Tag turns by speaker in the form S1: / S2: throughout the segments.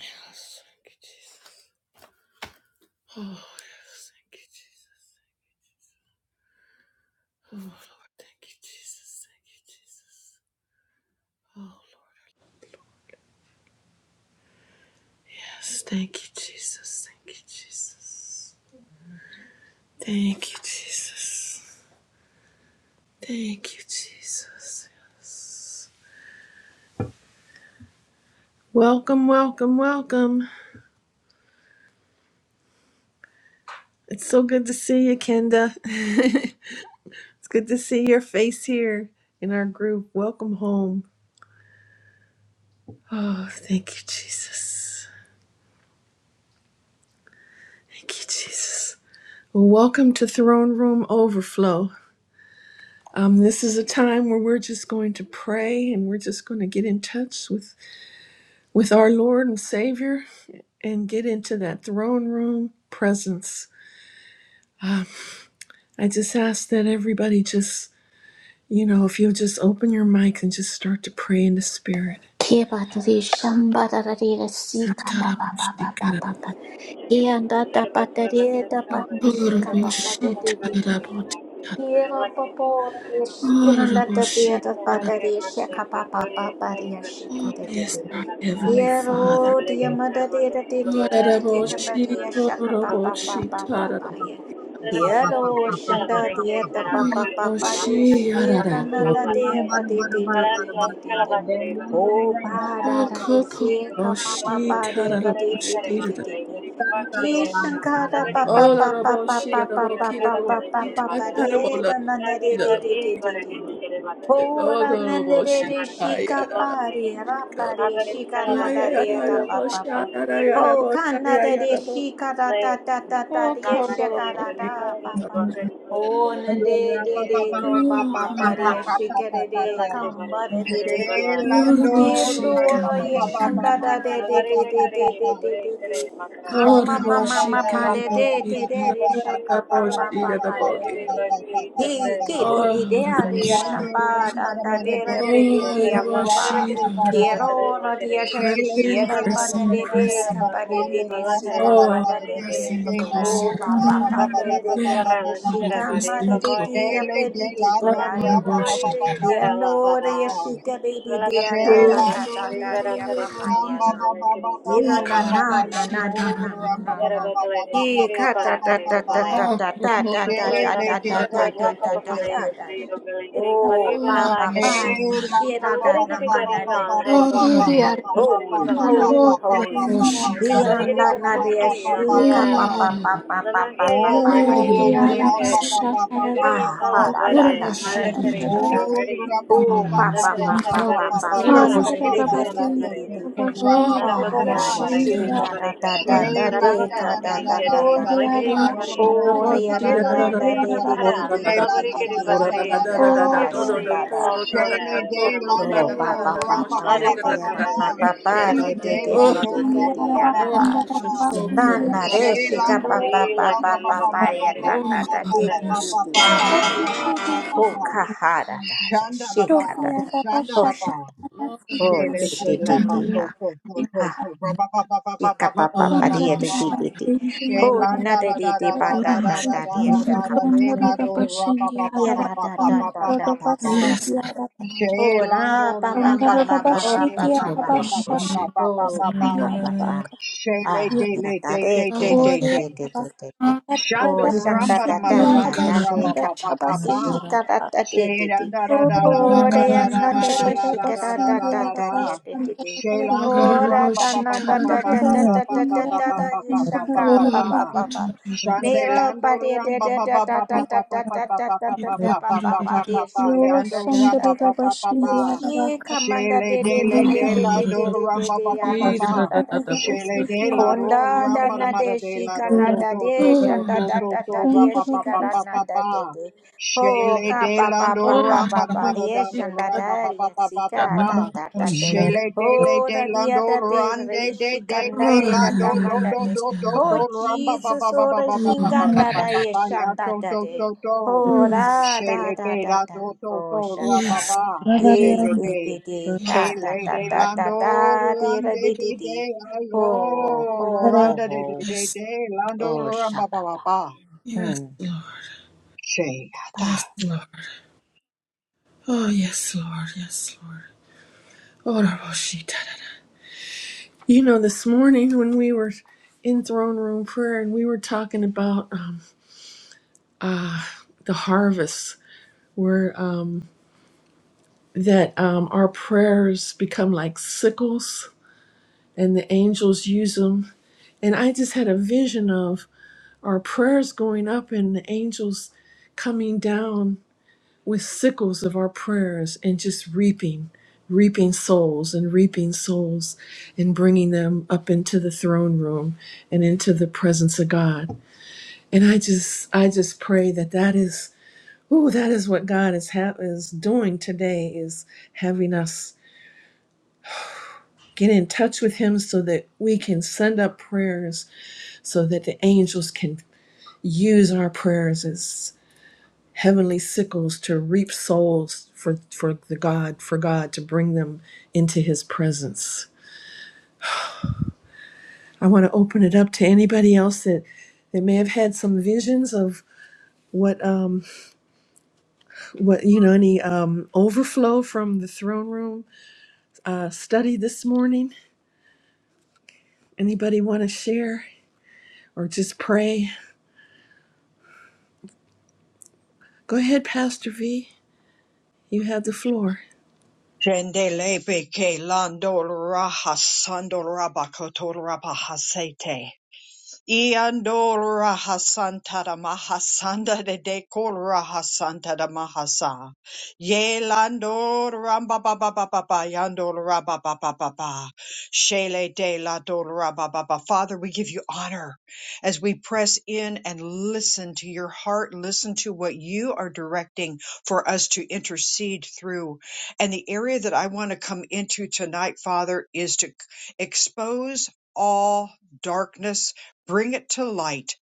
S1: Yes, thank you, Jesus. Oh, yes, thank you, Jesus. Oh, Lord, thank you, Jesus. Thank you, Jesus. Oh, Lord. Yes, thank you, Jesus. Thank you, Jesus. Thank you, Jesus. Thank you, Jesus. Yes. Welcome, welcome, welcome. It's so good to see you, Kenda. it's good to see your face here in our group. Welcome home. Oh, thank you, Jesus. Thank you, Jesus. Well, welcome to Throne Room Overflow. Um, this is a time where we're just going to pray and we're just going to get in touch with, with our Lord and Savior and get into that throne room presence. Uh, I just ask that everybody just, you know, if you'll just open your mic and just start to pray in the Spirit.
S2: Kebatari shambarari sika ba ba ba ba ba ba ba. Kianda da batari da batari sika ba ba de de de. Kira ba ba ya shikiranda da de da batari shika ba ba ba ba ya shikira
S1: Oh,
S2: de
S1: yes,
S2: de.
S1: our Heavenly Father.
S2: Kiro diya mada de da de de de de de
S1: Araraboshi,
S2: kambari ya shaka ba
S3: Thank
S2: ba
S1: kororoboshi,
S2: ba ba ba
S3: you.
S2: ba ya.
S1: tararaboshi,
S3: Then I'm looking
S4: Shandor
S3: on
S2: Kiro
S3: Zoom that
S2: shanda
S3: I gave
S2: diya da
S3: my last
S2: ba ba
S3: wedding,
S2: ba
S3: but
S2: ba
S3: I'm
S1: kororoboshi,
S3: going
S2: ya
S3: to look at
S1: araraboshi,
S2: shikiranda de
S3: Shalabatare.
S4: Ramba
S2: ba de de
S4: Ramada
S3: But
S2: de
S3: I'm
S2: de
S3: lost
S2: de de.
S3: Shalabatare,
S4: Daily
S3: but I
S2: Oh,
S3: didn't share
S2: ba da
S3: about
S2: da da,
S3: the day,
S2: si ka ma
S1: okokoroboshi,
S2: ba ba de de
S3: but I
S2: de
S3: didn't
S2: de
S3: share
S1: tararaboshi,
S2: de
S3: about
S2: de
S3: the
S2: de de.
S1: raraboshi, tar-
S3: day.
S2: Ki
S3: I'm
S2: shankara
S3: going
S2: ba ba ba ba ba
S1: olaraboshi,
S2: ba ba ba ba
S1: raraboki,
S2: ba ba
S1: raraboshi,
S2: ba ba de da na na
S1: tatarabolaboshi,
S2: de de de de
S1: raraboki,
S2: de de. Oh, ra na na de
S1: okoroboshi,
S2: de
S3: to
S2: shi
S3: keep
S2: ka pa
S3: my
S2: de
S1: tayararaboshi,
S3: eyes.
S2: ra pa de
S3: ಆದರೆ
S1: kororoboshi,
S2: shi ka
S3: ಇಷ್ಟೆಲ್ಲ
S2: na da de da
S3: ಬರ್ತದೆ
S2: ba
S1: tayayayaraboshi,
S2: ba ba. Oh,
S1: ayarayaraboshi,
S2: ka na da de
S1: ayayaraboshi,
S2: shi ka da da da da da
S3: Thank
S2: de shi ka da
S1: okokoroboshi,
S2: da ba ba.
S5: When
S1: tararaboshi,
S2: Oh, na de de de go ba ba ba
S1: tay-
S2: de shi ka de de come ba de de de de.
S1: Oraboshi
S2: Kindora
S1: karaboti
S2: yeshanda da
S1: karaboti.
S2: de de de de de de de de de. Kama mama
S1: Oraboshi
S2: mama de de
S1: karaboti
S2: de de de shanka ba ba
S1: karaboti
S2: ba ba de de
S1: karaboti.
S2: de. He ki di di de a de
S1: Oraboshi.
S3: you.
S2: yeshamba da da de de pe
S3: Everybody,
S2: de de
S3: bakare,
S4: Lando
S2: amamba.
S3: larvara
S4: Rabba
S1: Oraboshi
S3: kare, shara
S1: karaboti.
S2: Kiro
S4: Baba
S3: bakare,
S2: ra de
S3: lakare,
S1: Press
S2: yeshati
S4: Shele de
S1: in,
S3: yana
S4: la
S2: shiramba
S3: kare
S1: press
S2: da
S4: lolo
S1: in,
S2: de
S3: bakare,
S2: de
S4: ramba
S3: shara
S1: press
S4: da ba
S1: in.
S4: da
S2: kapa de de
S4: rando
S3: bakare,
S2: de si
S4: ramba
S3: balakare,
S4: da ba da
S2: kamba
S1: Oh,
S4: ba
S2: da
S4: da
S3: larabare,
S2: de de.
S1: press
S3: kare,
S4: dele de
S1: in
S4: la
S3: bakora,
S1: closer.
S2: Oh,
S4: rolo
S2: papa,
S4: ramba ba ba
S2: papa,
S3: hakare,
S4: ba ba
S2: de
S4: ba
S1: Yes,
S4: ba
S3: bakara,
S2: grande
S4: ba ba
S3: shara
S1: Lord,
S2: chica,
S1: press
S3: bare,
S2: madre
S1: in
S2: de
S1: closer.
S2: tía,
S4: dele
S3: bakare,
S4: de la
S2: pediti,
S1: Oh,
S4: rolo
S2: tía,
S3: lamakri,
S2: da,
S4: ramba
S2: da,
S4: ba ba
S1: Karabashi
S4: ba
S3: bakari,
S4: ba ba
S1: Tarabati.
S3: kara,
S4: ba ba
S2: yendo, de
S4: ba
S3: lavara,
S4: ba
S2: yesica, de, de, dia,
S3: balabakare,
S2: da, da,
S3: Lada
S4: shela
S1: Oh,
S2: da,
S4: no
S2: da,
S3: shari,
S2: da,
S3: bara,
S2: dia,
S3: kare,
S2: papa,
S3: makala,
S2: dia,
S4: ramba
S2: na,
S4: ba
S3: ladara,
S4: ba
S3: kare,
S4: ba ba
S3: bara,
S4: ba
S2: ina,
S4: ba
S2: na,
S3: bara,
S4: ba ba
S2: na,
S4: ya
S2: na,
S1: Karabashi
S2: na,
S4: no
S2: na, na, na,
S4: ramba
S1: Tarabati.
S2: na,
S4: ba ba
S2: na,
S4: ba ba ba ba ba
S2: ki,
S3: Yarabadolidishiri
S2: ka,
S4: ba
S2: da,
S4: ba
S2: da,
S4: ba
S3: Barakari
S2: da,
S4: ba
S2: da,
S3: Babalai.
S2: da,
S1: Oh,
S2: da, da, da,
S3: Matala
S1: Karabashi
S4: shele
S2: da, da, da,
S4: de de
S2: da,
S1: Tarabati.
S3: Zavashiraba
S2: da, da, da,
S4: de
S3: Japa
S4: de
S2: da, da,
S4: de de
S3: Babalai
S2: da,
S3: Sri Babalagari Bari
S6: Thank
S2: Oh,
S1: Oh,
S2: papa,
S4: Oh,
S1: Rabashi
S3: Baralagari.
S2: padre, shira, da,
S3: Alagari
S2: na,
S3: Bibi Bari
S2: mana, de,
S3: Mal
S2: de,
S3: Hai
S2: de, de,
S1: Tarabati.
S3: Bakari Dotari
S2: Holy,
S3: Balalale
S2: holy,
S1: Oh, the
S3: Sri.
S2: holy.
S1: Lord.
S3: رباني
S2: Hiranda nabia
S3: بوشي على
S2: shika pa pa
S1: Oh,
S2: pa pa pa
S3: لما
S2: pa pa
S3: كري
S2: pa
S3: الله
S2: pa
S1: Spirit of the
S3: كري
S2: ye
S1: Lord.
S2: de
S3: بوري
S2: de de
S3: هير
S2: de
S1: Yes.
S2: de. Ha
S3: يدري
S2: ha
S3: هلا
S2: da
S1: What a
S3: برا
S2: da da da
S3: على
S2: da
S1: worship of the
S3: كري
S1: Lord.
S2: da da
S3: بو
S2: da.
S3: كري
S1: Fall
S2: Oh
S1: on
S2: pa
S1: us,
S2: pa
S3: أكر
S1: Lord.
S2: pa
S3: الشر
S2: pa
S1: Fall on
S2: pa
S3: برا
S1: us.
S2: pa
S1: What
S3: سلمان
S1: a
S3: الله
S2: pa
S1: worship
S2: de
S3: بركري
S1: of the Lord.
S2: de
S3: الشر
S2: de
S3: برا
S2: de de de de de.
S3: برا
S1: Oh,
S3: Nara
S1: the
S2: Ah
S3: bakara
S2: da
S3: la
S2: da
S3: bara
S1: worship of the
S3: giri
S2: shika
S3: babare
S2: da da
S3: kara
S2: da
S3: bara.
S2: da
S1: Lord.
S2: de ka da
S3: giri
S2: da da
S3: giri
S2: da
S3: bala
S2: da. da.
S3: giri
S1: What a
S2: Oh da ya
S1: worship
S2: na
S1: of the
S2: na
S1: Lord.
S2: da de de
S3: bakara.
S2: de
S1: What a
S2: de
S3: Nara
S2: de de de
S3: giri
S2: de de de
S3: bakare.
S2: de ya
S3: He
S2: ha
S3: bali
S2: shanda da.
S3: half wara
S4: Shayla de Lando
S2: Oh, pa pa pa
S4: Rampa
S1: worship
S4: Ba
S2: pa
S4: Ba
S1: of
S3: Lariba
S4: Ba Ba
S2: de pa
S1: the
S4: Ba
S3: karala
S2: pa
S1: Lord.
S2: pa ba,
S3: karishera
S4: Shayla
S2: de de
S4: de
S3: bakare,
S2: de
S1: Oh,
S2: de
S4: Lando
S2: de de
S3: labandre
S4: Rampa
S2: de
S4: Ba
S2: ya
S4: Ba
S2: da
S1: oh,
S3: bakara,
S4: Ba
S2: pa
S4: Ba Ba
S1: Shakoko,
S2: Shinda
S1: the
S2: na re,
S4: Shay
S1: worship.
S3: labandre
S2: shika
S4: Lando
S2: pa pa
S3: bakuri,
S2: pa
S4: Rampa
S2: pa
S4: Ba
S3: lakiri
S2: pa
S4: Ba
S2: pa
S4: Ba
S3: bakare
S4: Ba
S2: ya
S4: Ba
S2: da
S3: kare,
S4: Ba
S2: na
S1: Oh,
S4: Ba
S2: da
S1: God,
S2: de
S4: Ba
S1: the
S2: de
S4: Ba Ba
S2: de
S4: Ba Ba
S2: de
S4: Ba
S2: de de de
S4: Ba
S2: de.
S4: Ba Ba Ba
S6: you.
S2: Oh,
S4: Ba
S2: ka ha da da
S1: worship.
S2: da,
S4: Shandala Ba
S2: shika da
S6: Tolia
S2: da. Oh,
S4: Shandala
S6: rabashata
S2: sha
S4: Ba
S2: da.
S1: Oh,
S2: Oh,
S6: rabasindra
S4: Shayla
S2: de
S4: de
S2: de
S4: La
S2: de
S4: Ba
S6: rabashanti
S2: de ya.
S4: To To To To
S2: Ha,
S4: To Ba Ba Ba Ba Ba Ba
S2: shika
S4: Ba
S2: pa
S4: Ba Ba
S2: pa
S4: Ba
S2: pa
S4: Ba
S2: de
S6: rabashandra
S2: ya
S4: Ba
S2: de
S4: Ba
S6: rabasindra
S2: de de de.
S6: rabashandra
S4: Shay
S2: Oh,
S6: rabasindra
S2: na
S4: Landa
S2: de
S4: Da Da
S2: de de
S4: Da
S2: pa
S4: Da Da
S2: da
S4: Da
S2: da
S4: Da
S2: da
S4: Da
S2: de ya
S4: Da Da
S2: shika
S4: Da
S2: pa
S4: De
S2: da.
S6: rabashandra
S4: La Do Ra Ba Ba Ba
S2: Ya
S4: Ba
S2: da
S4: Ba
S2: da
S4: Ba
S2: da
S4: Ba
S6: rabashandra
S2: da
S4: Ba
S2: da
S4: Ba
S2: da
S4: Ba
S2: da
S4: Ba
S2: da
S1: Yes.
S2: da.
S6: rabasindra rabashandra
S4: she
S2: Oh, ra
S4: lando
S2: pa pa
S4: ramba
S2: pa
S4: da
S2: pa
S4: mada
S2: pa
S1: Oh,
S2: pa
S4: dando
S2: pa
S1: God,
S6: rabashitya
S2: pa
S4: ramba
S1: oh,
S2: pa
S4: ba
S1: God,
S2: pa
S4: ba
S1: oh,
S4: ba
S6: rabashata
S1: yeah.
S4: ba ba ba
S2: Oh,
S4: ba
S6: rabasindra
S2: papa,
S4: ba.
S2: papa.
S6: rabakatya
S4: She le
S2: Ah,
S4: de
S2: da
S4: le
S2: da
S4: de
S2: de
S4: de
S2: ke
S4: de
S2: da
S4: de
S2: de
S6: orya
S2: de
S4: de.
S2: de de de de.
S6: rabashata
S2: Oh,
S4: Shando
S2: shanda
S4: ramba da
S2: da
S4: mada
S2: da
S6: rabasindra
S1: Oh,
S2: da
S4: dando
S2: da
S1: God,
S2: de
S4: ramba
S6: rabashandra
S2: ka
S4: ba
S2: pa
S4: ba
S2: pa
S4: ba
S2: di
S4: ba.
S6: rabasindra
S2: shi da da
S6: rabak
S2: da de de de.
S4: Shaylanda da da da
S6: orya
S1: oh,
S4: da da da
S2: Oh, de
S4: da
S2: ya
S1: God,
S4: da
S2: na
S4: da
S1: oh,
S2: de
S6: rabashanta
S2: de
S1: shit.
S4: da
S2: shi
S4: da
S2: ka
S4: da
S2: da
S4: da
S2: da
S4: da
S2: da
S6: rabasindra
S4: da
S2: da de ya
S4: da.
S2: de de
S6: rabashandra
S2: de.
S1: Oh,
S4: Shaylando
S1: God,
S6: rabasindra
S2: Oh, da
S4: ram
S1: oh,
S4: ba
S2: da
S4: ba
S2: na
S4: ba
S1: shit. Oh,
S4: ba
S2: da
S4: ba
S1: God,
S2: da
S4: ba
S2: da
S4: ba
S2: da
S4: ba
S2: da
S6: Audrey,
S4: ba
S2: da
S4: ba
S2: da
S4: ba
S2: da
S4: ba ba
S2: da ye
S4: ba ba ba
S2: shanka
S1: oh,
S4: ba
S2: pa
S4: ba.
S2: pa
S1: God, oh,
S2: pa
S1: shit.
S2: pa. Mera
S4: Shandelando
S2: pa de
S4: ram
S2: de
S4: ba
S2: de
S4: ba
S2: da
S4: ba
S2: da
S4: ba
S2: da
S4: ba ba
S2: da
S4: ba
S2: da
S4: ba
S2: da
S4: ba
S2: da
S4: ba
S2: da
S4: ba
S2: da
S4: ba ba
S1: Oh,
S2: da
S1: God, oh,
S2: pa
S1: shit. Oh, God, oh,
S4: ba
S2: pa
S4: ba ba
S2: pa
S4: ba
S2: de
S4: ba.
S2: shi ka da
S4: Yando
S2: da da
S4: ram
S1: shit.
S2: da
S4: ba
S2: da.
S4: ba ba ba
S2: He
S4: ba.
S2: she ka man da
S4: Shayle
S2: de de
S4: dele
S2: de
S1: Oh,
S2: de de de
S4: delando
S2: de de
S4: ram
S2: de
S4: ba
S2: de
S4: ba ba
S2: ya
S4: ba
S2: de
S4: ba.
S2: shanda da de de de.
S4: Shayle delado
S2: Konda
S4: ram
S2: da
S4: ba da
S2: na
S4: ma da
S2: de shika
S4: delado
S2: na
S4: do
S2: da
S4: do
S2: de
S4: do do
S2: shanda
S4: do
S2: da
S4: do do
S2: da da
S4: do ra
S2: de
S4: ba ba
S2: shika
S4: ba
S2: da
S4: ba
S2: na
S4: ba
S2: da de
S4: ba.
S2: de. Ho
S4: Shele
S2: ka
S4: de
S2: pa pa
S4: lando
S2: pa pa
S4: ramba
S2: pa
S4: da
S2: pa
S4: mada
S2: de
S4: dando
S2: shanda
S4: ramba
S2: da
S4: ba ba
S2: de
S4: ba ba ba
S2: shika da
S4: ba.
S2: da da de.
S4: Shele de le
S2: Ho
S4: de
S2: da
S4: lando
S2: dia da de
S4: rande
S2: re
S4: de
S2: shika
S4: de
S2: na
S4: de
S2: de da
S4: lando
S2: da
S1: God,
S4: do
S2: man da
S4: do
S2: de.
S4: do do
S1: oh, shit.
S2: Ho
S4: do ramba ba
S2: Jesus
S4: ba ba
S2: o
S4: ba
S2: da
S4: ba ba ba ba
S1: Oh,
S2: shinga
S4: ba
S2: da
S4: ba
S2: da
S4: ba
S2: ye
S4: ba ya
S2: shanda
S4: do,
S2: da
S4: do, do,
S2: de.
S4: do,
S2: Ho
S1: mm,
S2: ra da
S4: Shele
S2: da
S4: de
S2: da
S4: da
S2: da
S4: do do
S2: ho
S4: do ra ba
S2: shanda.
S1: yes,
S4: ba.
S2: Ye
S4: Shele
S2: de de
S4: de.
S2: de
S1: yes,
S2: ha da
S4: Kele
S1: Lord.
S2: da
S4: de
S2: da da
S4: lando
S2: da de da
S4: rande
S2: de
S4: de
S2: de
S4: de
S2: de. Oh,
S4: ayo
S2: ho, ho,
S4: randa de de
S2: ho.
S4: de
S1: Yes,
S4: de lando
S2: Oh,
S4: ramba ba ba
S2: shababa.
S4: ba.
S1: yes,
S2: Mm.
S1: Lord.
S4: Shele.
S1: Yes, Lord. Oh, yes, Lord. Yes, Lord. Oh, Raboshita. You know, this morning when we were in throne room prayer and we were talking about um, uh, the harvest, where um, that um, our prayers become like sickles and the angels use them. And I just had a vision of. our prayers going up and the angels coming down with sickles of our prayers and just reaping reaping souls and reaping souls and bringing them up into the throne room and into the presence of God and i just i just pray that that is oh that is what God is ha- is doing today is having us get in touch with him so that we can send up prayers so that the angels can use our prayers as. heavenly sickles to reap souls for, for the God, for God to bring them into his presence. I want to open it up to anybody else that, that may have had some visions of what um what you know any um overflow from the throne room uh study this morning. Anybody want to share or just pray? Go ahead, Pastor V. You have the floor.
S4: Jendelebe ke landol raha sandol rabakoto rabahasete. Iandora Hasanta da Mahasanda de Decora Hasanta da Mahasa. Yelando Ramba Baba Baba Yandora Baba Baba Shele de la Dolora Baba Baba. Father, we give you honor as we press in and listen to your heart, listen to what you are directing for us to intercede through. And the area that I want to come into tonight, Father, is to expose all darkness Bring it to light.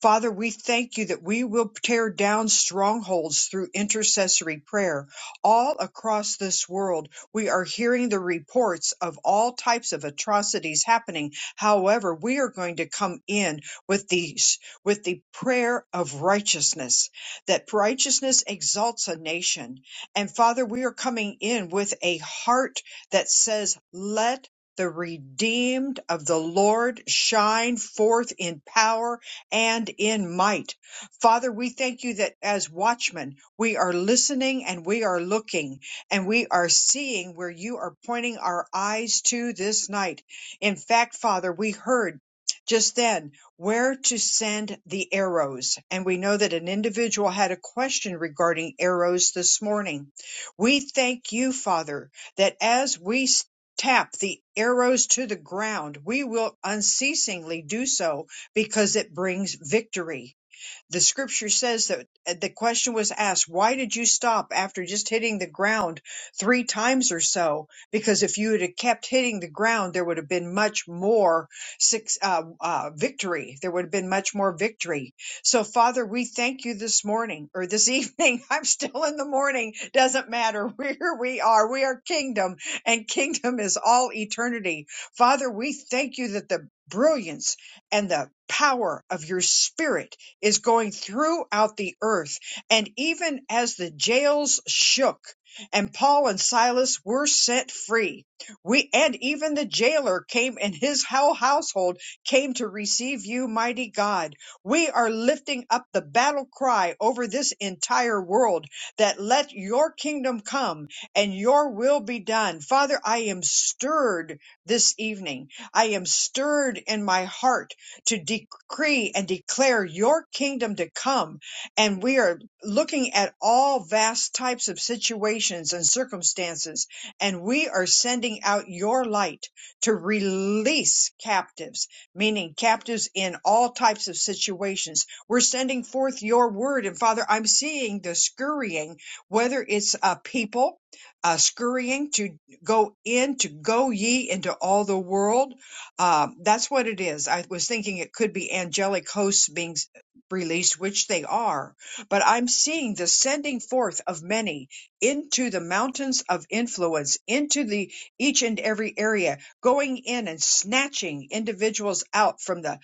S4: Father, we thank you that we will tear down strongholds through intercessory prayer. All across this world, we are hearing the reports of all types of atrocities happening. However, we are going to come in with the, with the prayer of righteousness, that righteousness exalts a nation. And Father, we are coming in with a heart that says, let the redeemed of the Lord shine forth in power and in might. Father, we thank you that as watchmen, we are listening and we are looking and we are seeing where you are pointing our eyes to this night. In fact, Father, we heard just then where to send the arrows. And we know that an individual had a question regarding arrows this morning. We thank you, Father, that as we tap the arrows to the ground, we will unceasingly do so because it brings victory the scripture says that uh, the question was asked, why did you stop after just hitting the ground three times or so? Because if you had kept hitting the ground, there would have been much more six, uh, uh, victory. There would have been much more victory. So Father, we thank you this morning or this evening. I'm still in the morning. Doesn't matter where we are. We are kingdom and kingdom is all eternity. Father, we thank you that the brilliance and the power of your spirit is going throughout the earth. And even as the jails shook and Paul and Silas were set free, we and even the jailer came and his whole household came to receive you, mighty God. We are lifting up the battle cry over this entire world that let your kingdom come and your will be done. Father, I am stirred this evening. I am stirred in my heart to decree and declare your kingdom to come. And we are looking at all vast types of situations and circumstances, and we are sending out your light to release captives, meaning captives in all types of situations. We're sending forth your word. And Father, I'm seeing the scurrying, whether it's uh, people uh, scurrying to go in, to go ye into all the world um, that's what it is. I was thinking it could be angelic hosts being s- released, which they are, but I'm seeing the sending forth of many into the mountains of influence, into the each and every area, going in and snatching individuals out from the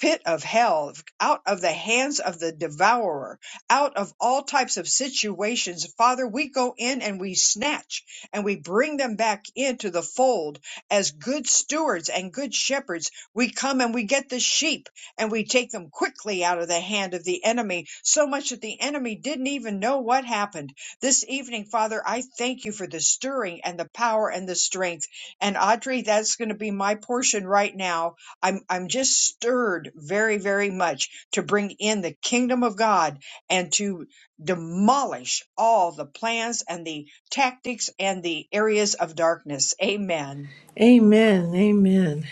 S4: pit of hell, out of the hands of the devourer, out of all types of situations. Father, we go in and we snatch and we bring them back into the fold as good stewards and good shepherds, we come and we get the sheep and we take them quickly out of the hand of the enemy, so much that the enemy didn't even know what happened. This evening, Father, I thank you for the stirring and the power and the strength. And Audrey, that's going to be my portion right now. I'm, I'm just stirred very, very much to bring in the kingdom of God and to demolish all the plans and the tactics and the areas of darkness. Amen.
S1: Amen. Amen.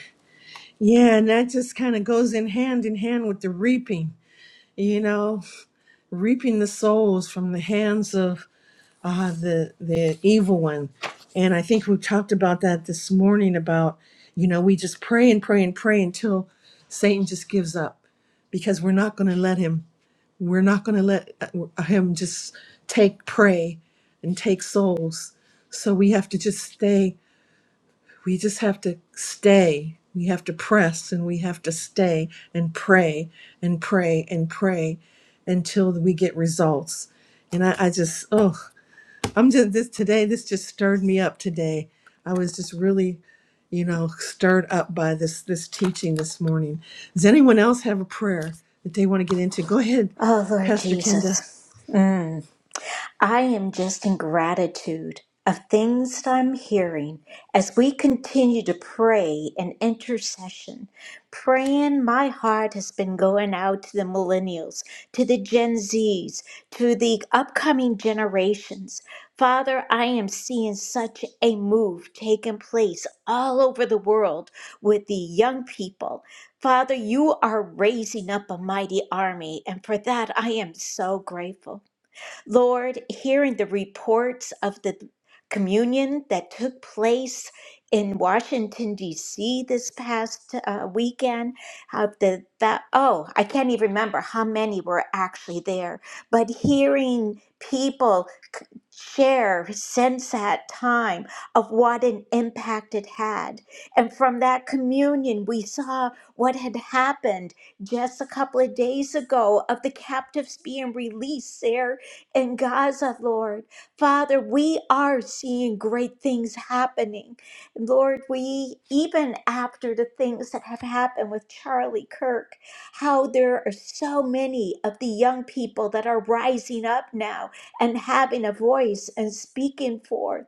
S1: Yeah, and that just kind of goes in hand in hand with the reaping, you know. reaping the souls from the hands of uh, the the evil one. And I think we talked about that this morning about you know we just pray and pray and pray until Satan just gives up because we're not going to let him. We're not going to let uh, him just take prey and take souls. So we have to just stay we just have to stay. We have to press and we have to stay and pray and pray and pray until we get results. And I, I just, oh, I'm just this today, this just stirred me up today. I was just really, you know, stirred up by this this teaching this morning. Does anyone else have a prayer that they want to get into? Go ahead,
S2: Oh, Lord
S1: Pastor Kenda.
S2: Jesus. Mm. I am just in gratitude of things that I'm hearing as we continue to pray and intercession. Praying, my heart has been going out to the millennials, to the Gen Zs, to the upcoming generations. Father, I am seeing such a move taking place all over the world with the young people. Father, you are raising up a mighty army, and for that I am so grateful. Lord, hearing the reports of the communion that took place in Washington, D.C. this past uh, weekend, of the, that, oh, I can't even remember how many were actually there, but hearing people c- share since that time of what an impact it had. And from that communion, we saw what had happened just a couple of days ago of the captives being released there in Gaza, Lord. Father, we are seeing great things happening. Lord, we, even after the things that have happened with Charlie Kirk, how there are so many of the young people that are rising up now and having a voice and speaking forth.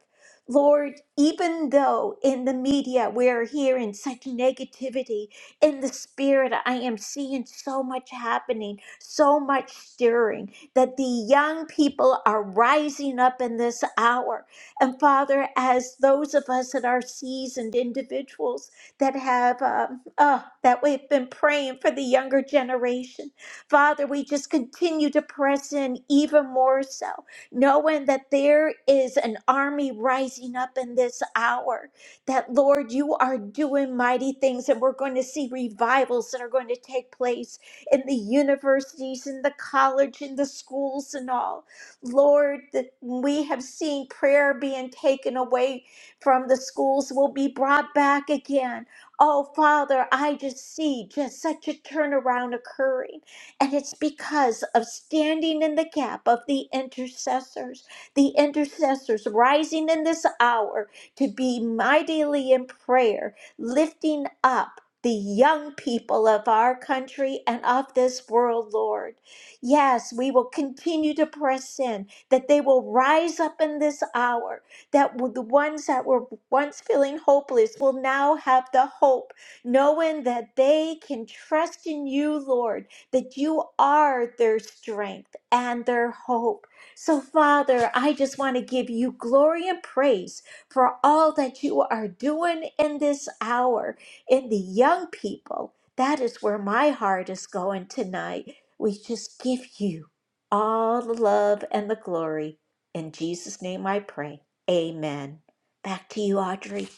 S2: Lord, even though in the media we are hearing such negativity, in the spirit I am seeing so much happening, so much stirring that the young people are rising up in this hour. And Father, as those of us that are seasoned individuals that have, um, oh, that we've been praying for the younger generation, Father, we just continue to press in even more so, knowing that there is an army rising up in this hour that Lord, you are doing mighty things, and we're going to see revivals that are going to take place in the universities in the college in the schools and all. Lord, that we have seen prayer being taken away from the schools will be brought back again. Oh, Father, I just see just such a turnaround occurring. And it's because of standing in the gap of the intercessors, the intercessors rising in this hour to be mightily in prayer, lifting up the young people of our country and of this world, Lord. Yes, we will continue to press in, that they will rise up in this hour, that the ones that were once feeling hopeless will now have the hope, knowing that they can trust in you, Lord, that you are their strength and their hope. So, Father, I just want to give you glory and praise for all that you are doing in this hour in the young people. That is where my heart is going tonight. We just give you all the love and the glory. In Jesus' name I pray. Amen. Back to you, Audrey.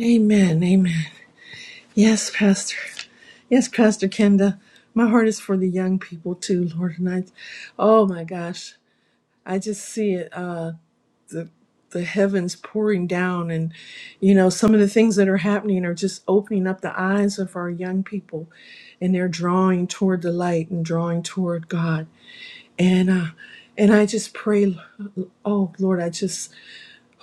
S1: Amen. Amen. Yes, Pastor. Yes, Pastor Kenda. My heart is for the young people too, Lord. And I, oh my gosh, I just see it, uh, the heavens pouring down. And, you know, some of the things that are happening are just opening up the eyes of our young people and they're drawing toward the light and drawing toward God. And, uh, and I just pray, oh Lord, I just,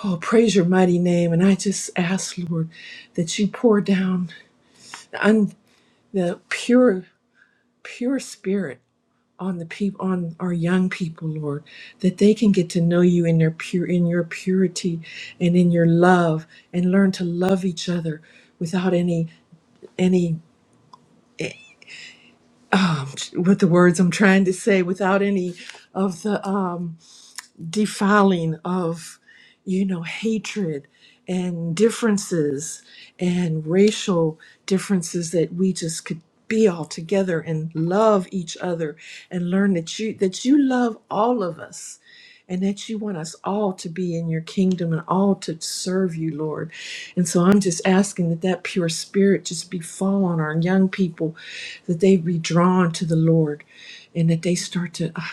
S1: oh, praise your mighty name. And I just ask, Lord, that you pour down un, the pure. pure spirit on the people on our young people lord that they can get to know you in their pure in your purity and in your love and learn to love each other without any any um, what the words i'm trying to say without any of the um defiling of, you know, hatred and differences and racial differences that we just could be all together and love each other and learn that you that you love all of us and that you want us all to be in your kingdom and all to serve you lord and so i'm just asking that that pure spirit just befall on our young people that they be drawn to the lord and that they start to ah,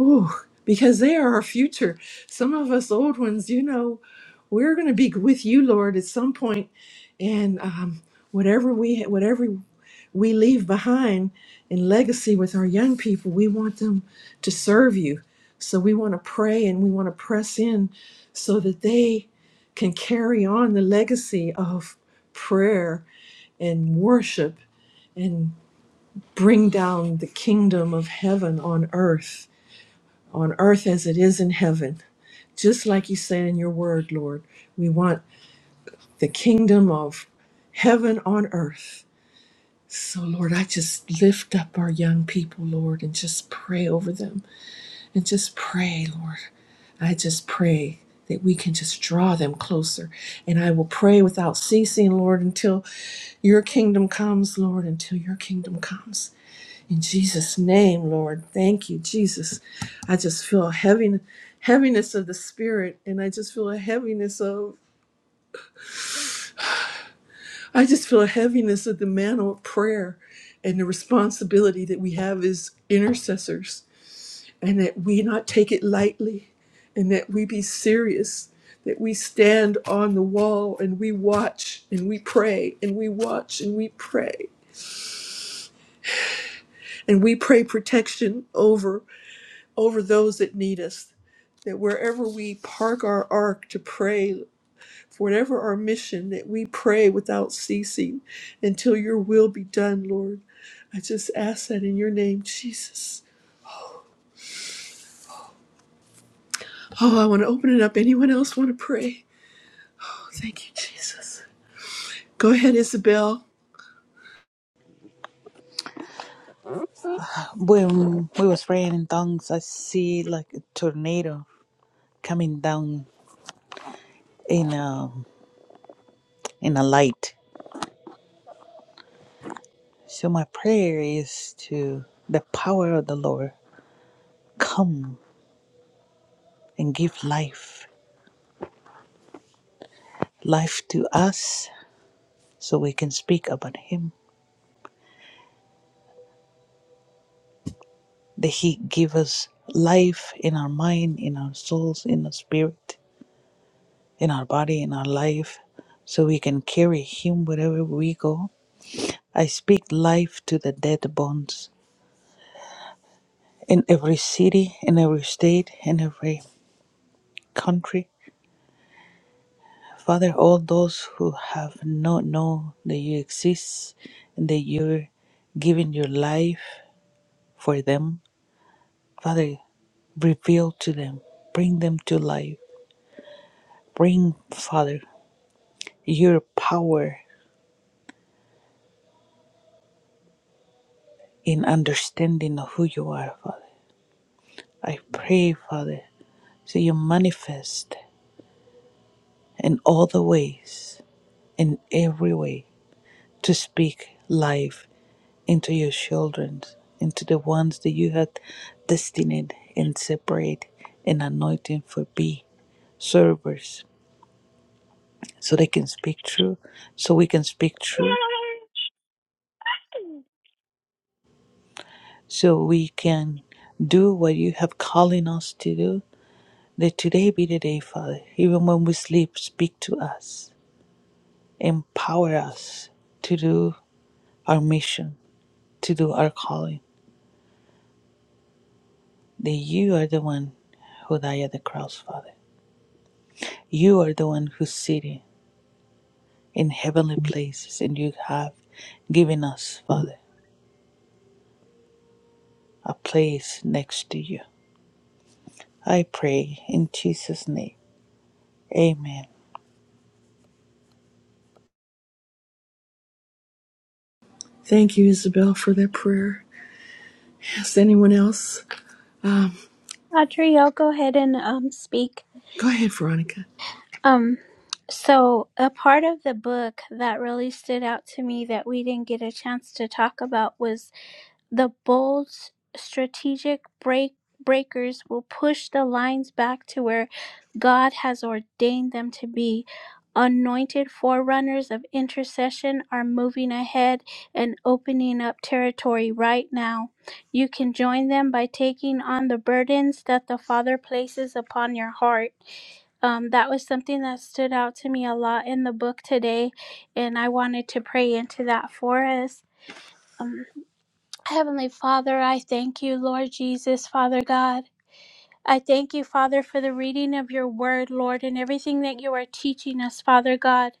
S1: Ooh, because they are our future. Some of us old ones, you know, we're going to be with you, Lord, at some point, and um, whatever we whatever we leave behind in legacy with our young people, we want them to serve you. So we want to pray and we want to press in so that they can carry on the legacy of prayer and worship and bring down the kingdom of heaven on earth on earth as it is in heaven. Just like you said in your word, Lord, we want the kingdom of heaven on earth. So, Lord, I just lift up our young people, Lord, and just pray over them and just pray, Lord. I just pray that we can just draw them closer. And I will pray without ceasing, Lord, until your kingdom comes, Lord, until your kingdom comes. In Jesus' name, Lord, thank you, Jesus. I just feel a heavy, heaviness of the spirit, and I just feel a heaviness of, I just feel a heaviness of the mantle of prayer and the responsibility that we have as intercessors, and that we not take it lightly, and that we be serious, that we stand on the wall and we watch and we pray and we watch and we pray, and we pray protection over. over those that need us. That wherever we park our ark to pray, for whatever our mission, that we pray without ceasing until your will be done, Lord. I just ask that in your name, Jesus. Oh, I want to open it up. Anyone else want to pray? Oh, thank you, Jesus. Go ahead, Isabel.
S5: we was praying in tongues, I see like a tornado coming down in a in a light. So my prayer is to the power of the Lord come and give life, life to us, so we can speak about Him. That He give us life in our mind, in our souls, in our spirit, in our body, in our life, so we can carry Him wherever we go. I speak life to the dead bones in every city, in every state, in every country. Father, all those who have not known that you exist and that you're giving your life for them. Father, Reveal to them, bring them to life. Bring, Father, your power in understanding of who you are, Father. I pray, Father, so you manifest in all the ways, in every way, to speak life into your children, into the ones that you had destined and separate and anointing for be servers, so they can speak true, so we can speak true so we can do what you have calling us to do. Let today be the day, Father. Even when we sleep, speak to us, empower us to do our mission, to do our calling. That you are the one who died at the cross, Father. You are the one who's sitting in heavenly places, and you have given us, Father, a place next to you. I pray in Jesus' name. Amen.
S1: Thank you, Isabel, for that prayer. Yes, anyone else? Um,
S6: I'll go ahead and um, speak.
S1: go ahead, Veronica.
S6: Um, so, a part of the book that really stood out to me that we didn't get a chance to talk about was The bold s- strategic break breakers will push the lines back to where God has ordained them to be. Anointed forerunners of intercession are moving ahead and opening up territory right now. You can join them by taking on the burdens that the Father places upon your heart um, that was something that stood out to me a lot in the book today, and I wanted to pray into that for us. Um, Heavenly Father, I thank you, Lord Jesus, Father God. I thank you, Father, for the reading of your word, Lord, and everything that you are teaching us, Father God.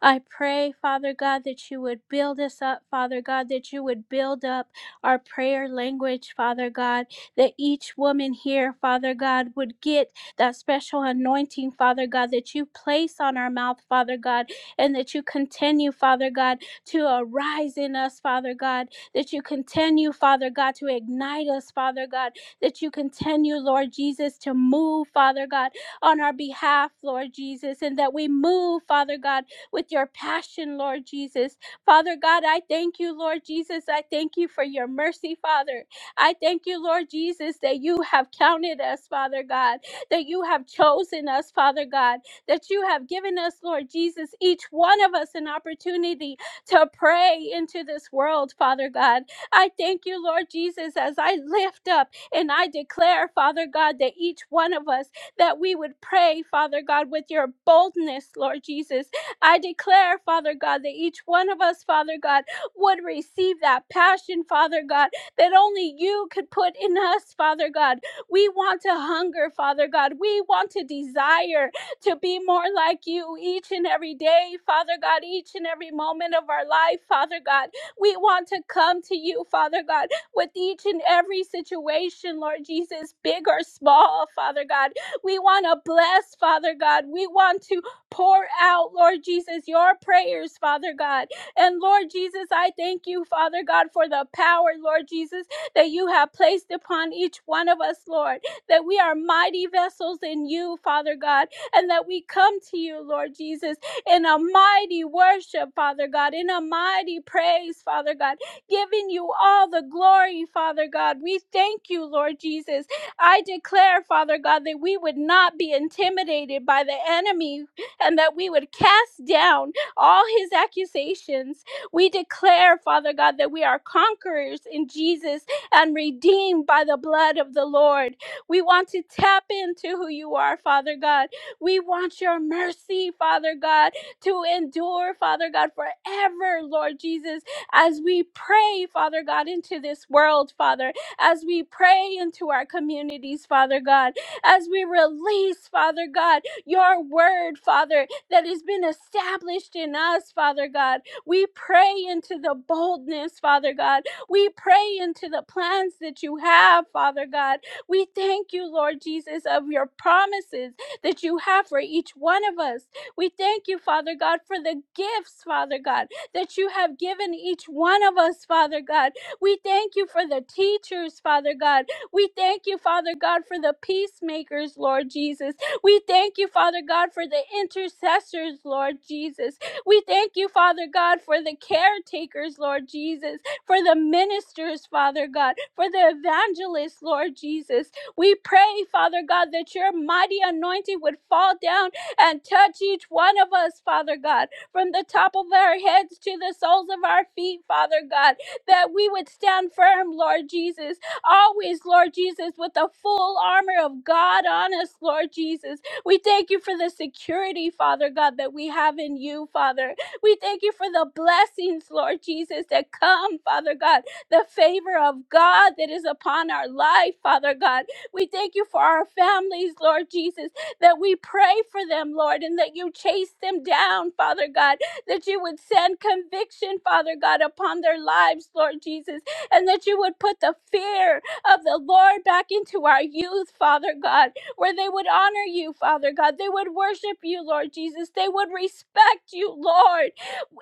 S6: I pray, Father God, that you would build us up, Father God, that you would build up our prayer language, Father God, that each woman here, Father God, would get that special anointing, Father God, that you place on our mouth, Father God, and that you continue, Father God, to arise in us, Father God, that you continue, Father God, to ignite us, Father God, that you continue, Lord Jesus, to move, Father God, on our behalf, Lord Jesus, and that we move, Father God, with your passion, Lord Jesus. Father God, I thank you, Lord Jesus. I thank you for your mercy, Father. I thank you, Lord Jesus, that you have counted us, Father God, that you have chosen us, Father God, that you have given us, Lord Jesus, each one of us an opportunity to pray into this world, Father God. I thank you, Lord Jesus, as I lift up and I declare, Father God, that each one of us that we would pray, Father God, with your boldness, Lord Jesus, I declare, Father God, that each one of us, Father God, would receive that passion, Father God, that only you could put in us, Father God. We want to hunger, Father God. We want to desire to be more like you each and every day, Father God, each and every moment of our life, Father God. We want to come to you, Father God, with each and every situation, Lord Jesus, big or small, Father God. We want to bless, Father God. We want to Pour out, Lord Jesus, your prayers, Father God. And Lord Jesus, I thank you, Father God, for the power, Lord Jesus, that you have placed upon each one of us, Lord, that we are mighty vessels in you, Father God, and that we come to you, Lord Jesus, in a mighty worship, Father God, in a mighty praise, Father God, giving you all the glory, Father God. We thank you, Lord Jesus. I declare, Father God, that we would not be intimidated by the enemy, and that we would cast down all his accusations. We declare, Father God, that we are conquerors in Jesus and redeemed by the blood of the Lord. We want to tap into who you are, Father God. We want your mercy, Father God, to endure, Father God, forever, Lord Jesus, as we pray, Father God, into this world, Father, as we pray into our communities, Father God, as we release, Father God your word, Father, that has been established in us, Father God. We pray into the boldness, Father God. We pray into the plans that you have, Father God. We thank you, Lord Jesus, of your promises that you have for each one of us. We thank you, Father God, for the gifts, Father God, that you have given each one of us, Father God. We thank you for the teachers, Father God. We thank you, Father God, for the peacemakers, Lord Jesus. We thank you, Father God, for the intercessors, Lord Jesus. We thank you, Father God, for the caretakers, Lord Jesus, for the ministers, Father God, for the evangelists, Lord Jesus. We pray, Father God, that your mighty anointing would fall down and touch each one of us, Father God, from the top of our heads to the soles of our feet, Father God, that we would stand firm, Lord Jesus, always, Lord Jesus, with the full armor of God on us, Lord Jesus. We thank you for the security, Father God, that we have in you, Father. We thank you for the blessings, Lord Jesus, that come, Father God, the favor of God that is upon our life, Father God. We thank you for our families, Lord Jesus, that we pray for them, Lord, and that you chase them down, Father God, that you would send conviction, Father God, upon their lives, Lord Jesus, and that you would put the fear of the Lord back into our youth, Father God, where they would honor you, Father God. They would worship you, Lord Jesus. They would respect you, Lord,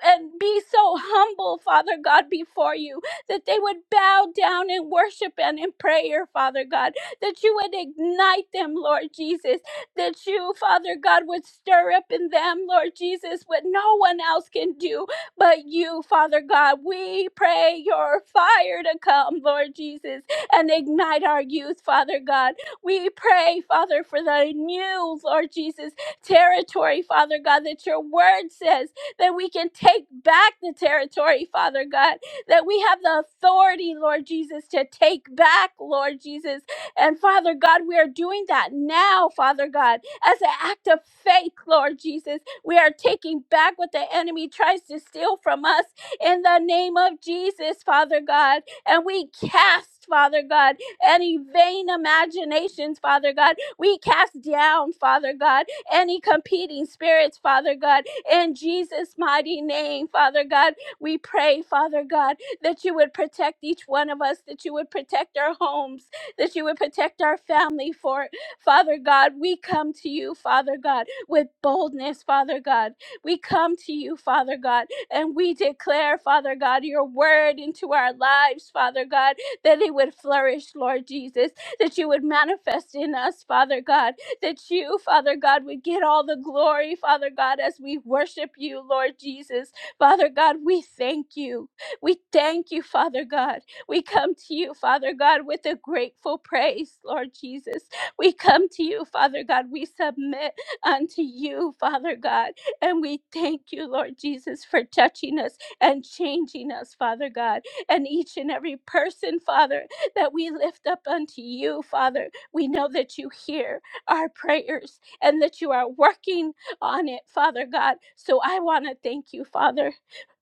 S6: and be so humble, Father God, before you, that they would bow down in worship and in prayer, Father God, that you would ignite them, Lord Jesus, that you, Father God, would stir up in them, Lord Jesus, what no one else can do, but you, Father God, we pray your fire to come, Lord Jesus, and ignite our youth, Father God. We pray, Father, for the new, Lord Jesus, territory, Father God, that your word says that we can take back the territory, Father God, that we have the authority, Lord Jesus, to take back, Lord Jesus. And Father God, we are doing that now, Father God as an act of faith, Lord Jesus. We are taking back what the enemy tries to steal from us in the name of Jesus, Father God. And we cast, Father God, any vain imaginations, Father God. We cast down, Father God, any competing spirits, Father God. In Jesus' mighty name, Father God, we pray, Father God, that you would protect each one of us, that you would protect our homes, that you would protect our family, For Father God, we come to you, Father God, with boldness, Father God. We come to you, Father God, and we declare, Father God, your word into our lives, Father God, that it would flourish, Lord Jesus, that you would manifest in us, Father God, that you, Father God, would get all the glory, Father God, as we worship you, Lord Jesus. Father God, we thank you. We thank you, Father God. We come to you, Father God, with a grateful praise, Lord Jesus. We come to you, Father God. We submit unto you, Father God. And we thank you, Lord Jesus, for touching us and changing us, Father God. And each and every person, Father, that we lift up unto you, Father, we know that you hear our prayers and that you are working on it, Father God. So I want to thank you, Father.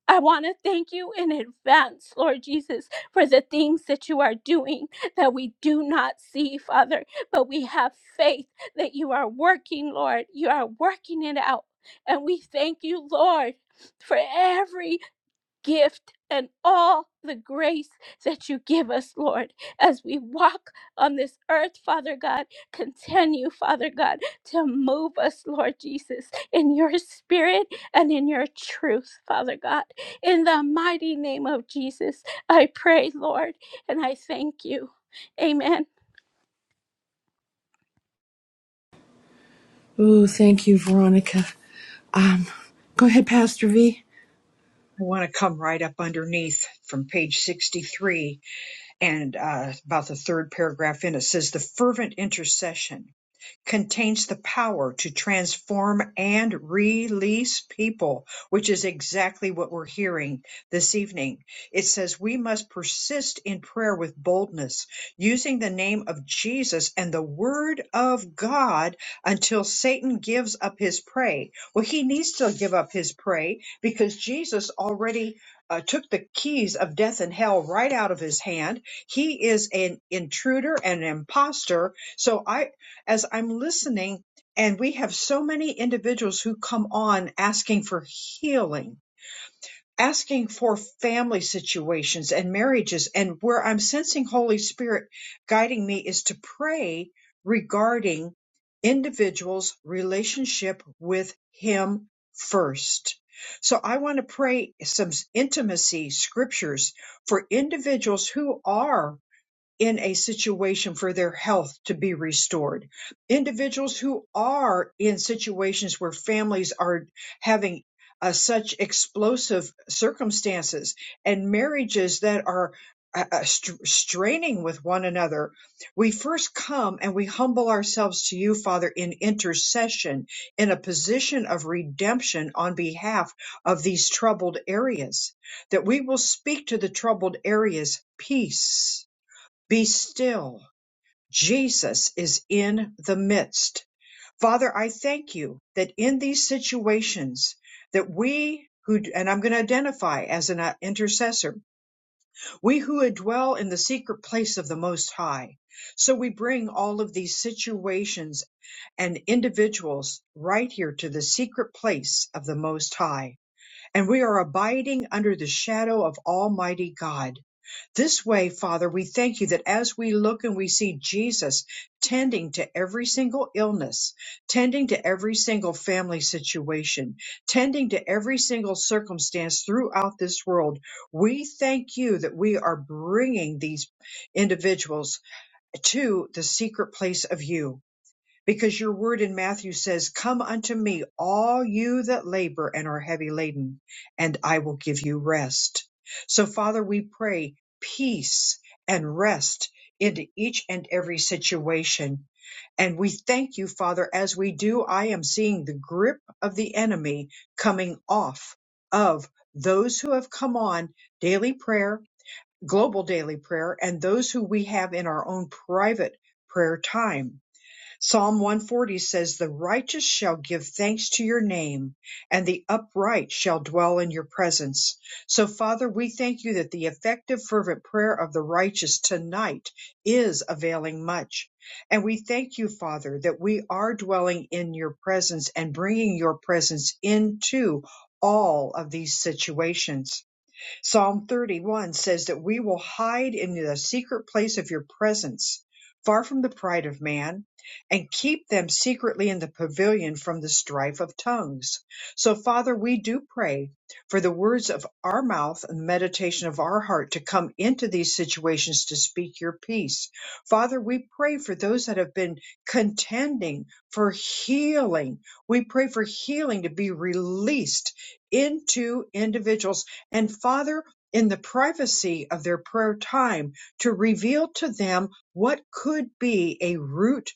S6: I want to thank you in advance, Lord Jesus, for the things that you are doing that we do not see, Father but we have faith that you are working, Lord. You are working it out. And we thank you, Lord, for every gift and all the grace that you give us, Lord, as we walk on this earth, Father God. Continue, Father God, to move us, Lord Jesus, in your spirit and in your truth, Father God. In the mighty name of Jesus, I pray, Lord, and I thank you. Amen.
S1: Oh, thank you, Veronica. Um, go ahead, Pastor V.
S4: I want to come right up underneath from page 63 and uh, about the third paragraph in it says the fervent intercession contains the power to transform and release people, which is exactly what we're hearing this evening. It says we must persist in prayer with boldness, using the name of Jesus and the word of God until Satan gives up his prey. Well, he needs to give up his prey because Jesus already uh, took the keys of death and hell right out of his hand he is an intruder and an imposter. So I, as I'm listening, and we have so many individuals who come on asking for healing, asking for family situations and marriages. And where I'm sensing Holy Spirit guiding me is to pray regarding individuals' relationship with Him first. So I want to pray some intimacy scriptures for individuals who are in a situation for their health to be restored. Individuals who are in situations where families are having uh, such explosive circumstances and marriages that are uh, uh, str- straining with one another, we first come and we humble ourselves to you, Father, in intercession, in a position of redemption on behalf of these troubled areas, that we will speak to the troubled areas peace be still. Jesus is in the midst. Father, I thank you that in these situations that we who, and I'm going to identify as an uh, intercessor, we who dwell in the secret place of the Most High. So we bring all of these situations and individuals right here to the secret place of the Most High and we are abiding under the shadow of Almighty God. This way, Father, we thank you that as we look and we see Jesus tending to every single illness, tending to every single family situation, tending to every single circumstance throughout this world, we thank you that we are bringing these individuals to the secret place of you because your word in Matthew says, Come unto me, all you that labor and are heavy laden, and I will give you rest. So, Father, we pray peace and rest into each and every situation. And we thank you, Father, as we do, I am seeing the grip of the enemy coming off of those who have come on daily prayer, global daily prayer, and those who we have in our own private prayer time Psalm 140 says, The righteous shall give thanks to your name, and the upright shall dwell in your presence. So, Father, we thank you that the effective, fervent prayer of the righteous tonight is availing much. And we thank you, Father, that we are dwelling in your presence and bringing your presence into all of these situations. Psalm 31 says that we will hide in the secret place of your presence, far from the pride of man, and keep them secretly in the pavilion from the strife of tongues. So, Father, we do pray for the words of our mouth and the meditation of our heart to come into these situations to speak your peace. Father, we pray for those that have been contending for healing. We pray for healing to be released into individuals and Father in the privacy of their prayer time to reveal to them what could be a root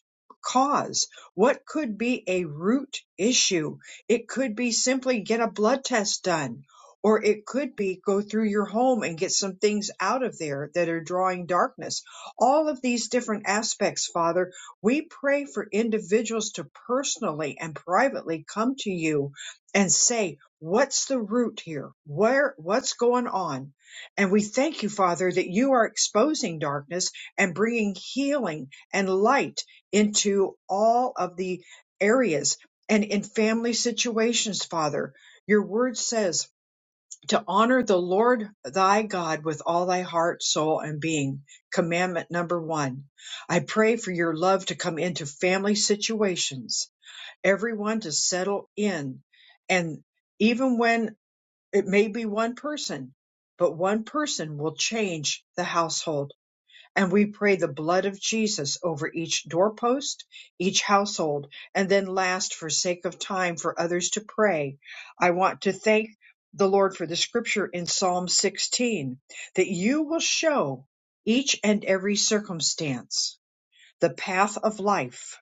S4: cause, what could be a root issue. It could be simply get a blood test done. Or it could be go through your home and get some things out of there that are drawing darkness. All of these different aspects, Father, we pray for individuals to personally and privately come to you and say, What's the root here? Where, what's going on? And we thank you, Father, that you are exposing darkness and bringing healing and light into all of the areas and in family situations, Father. Your word says to honor the Lord thy God with all thy heart, soul, and being. Commandment number one. I pray for your love to come into family situations, everyone to settle in and even when it may be one person, but one person will change the household. And we pray the blood of Jesus over each doorpost, each household. And then, last, for sake of time for others to pray, I want to thank the Lord for the scripture in Psalm 16 that you will show each and every circumstance the path of life.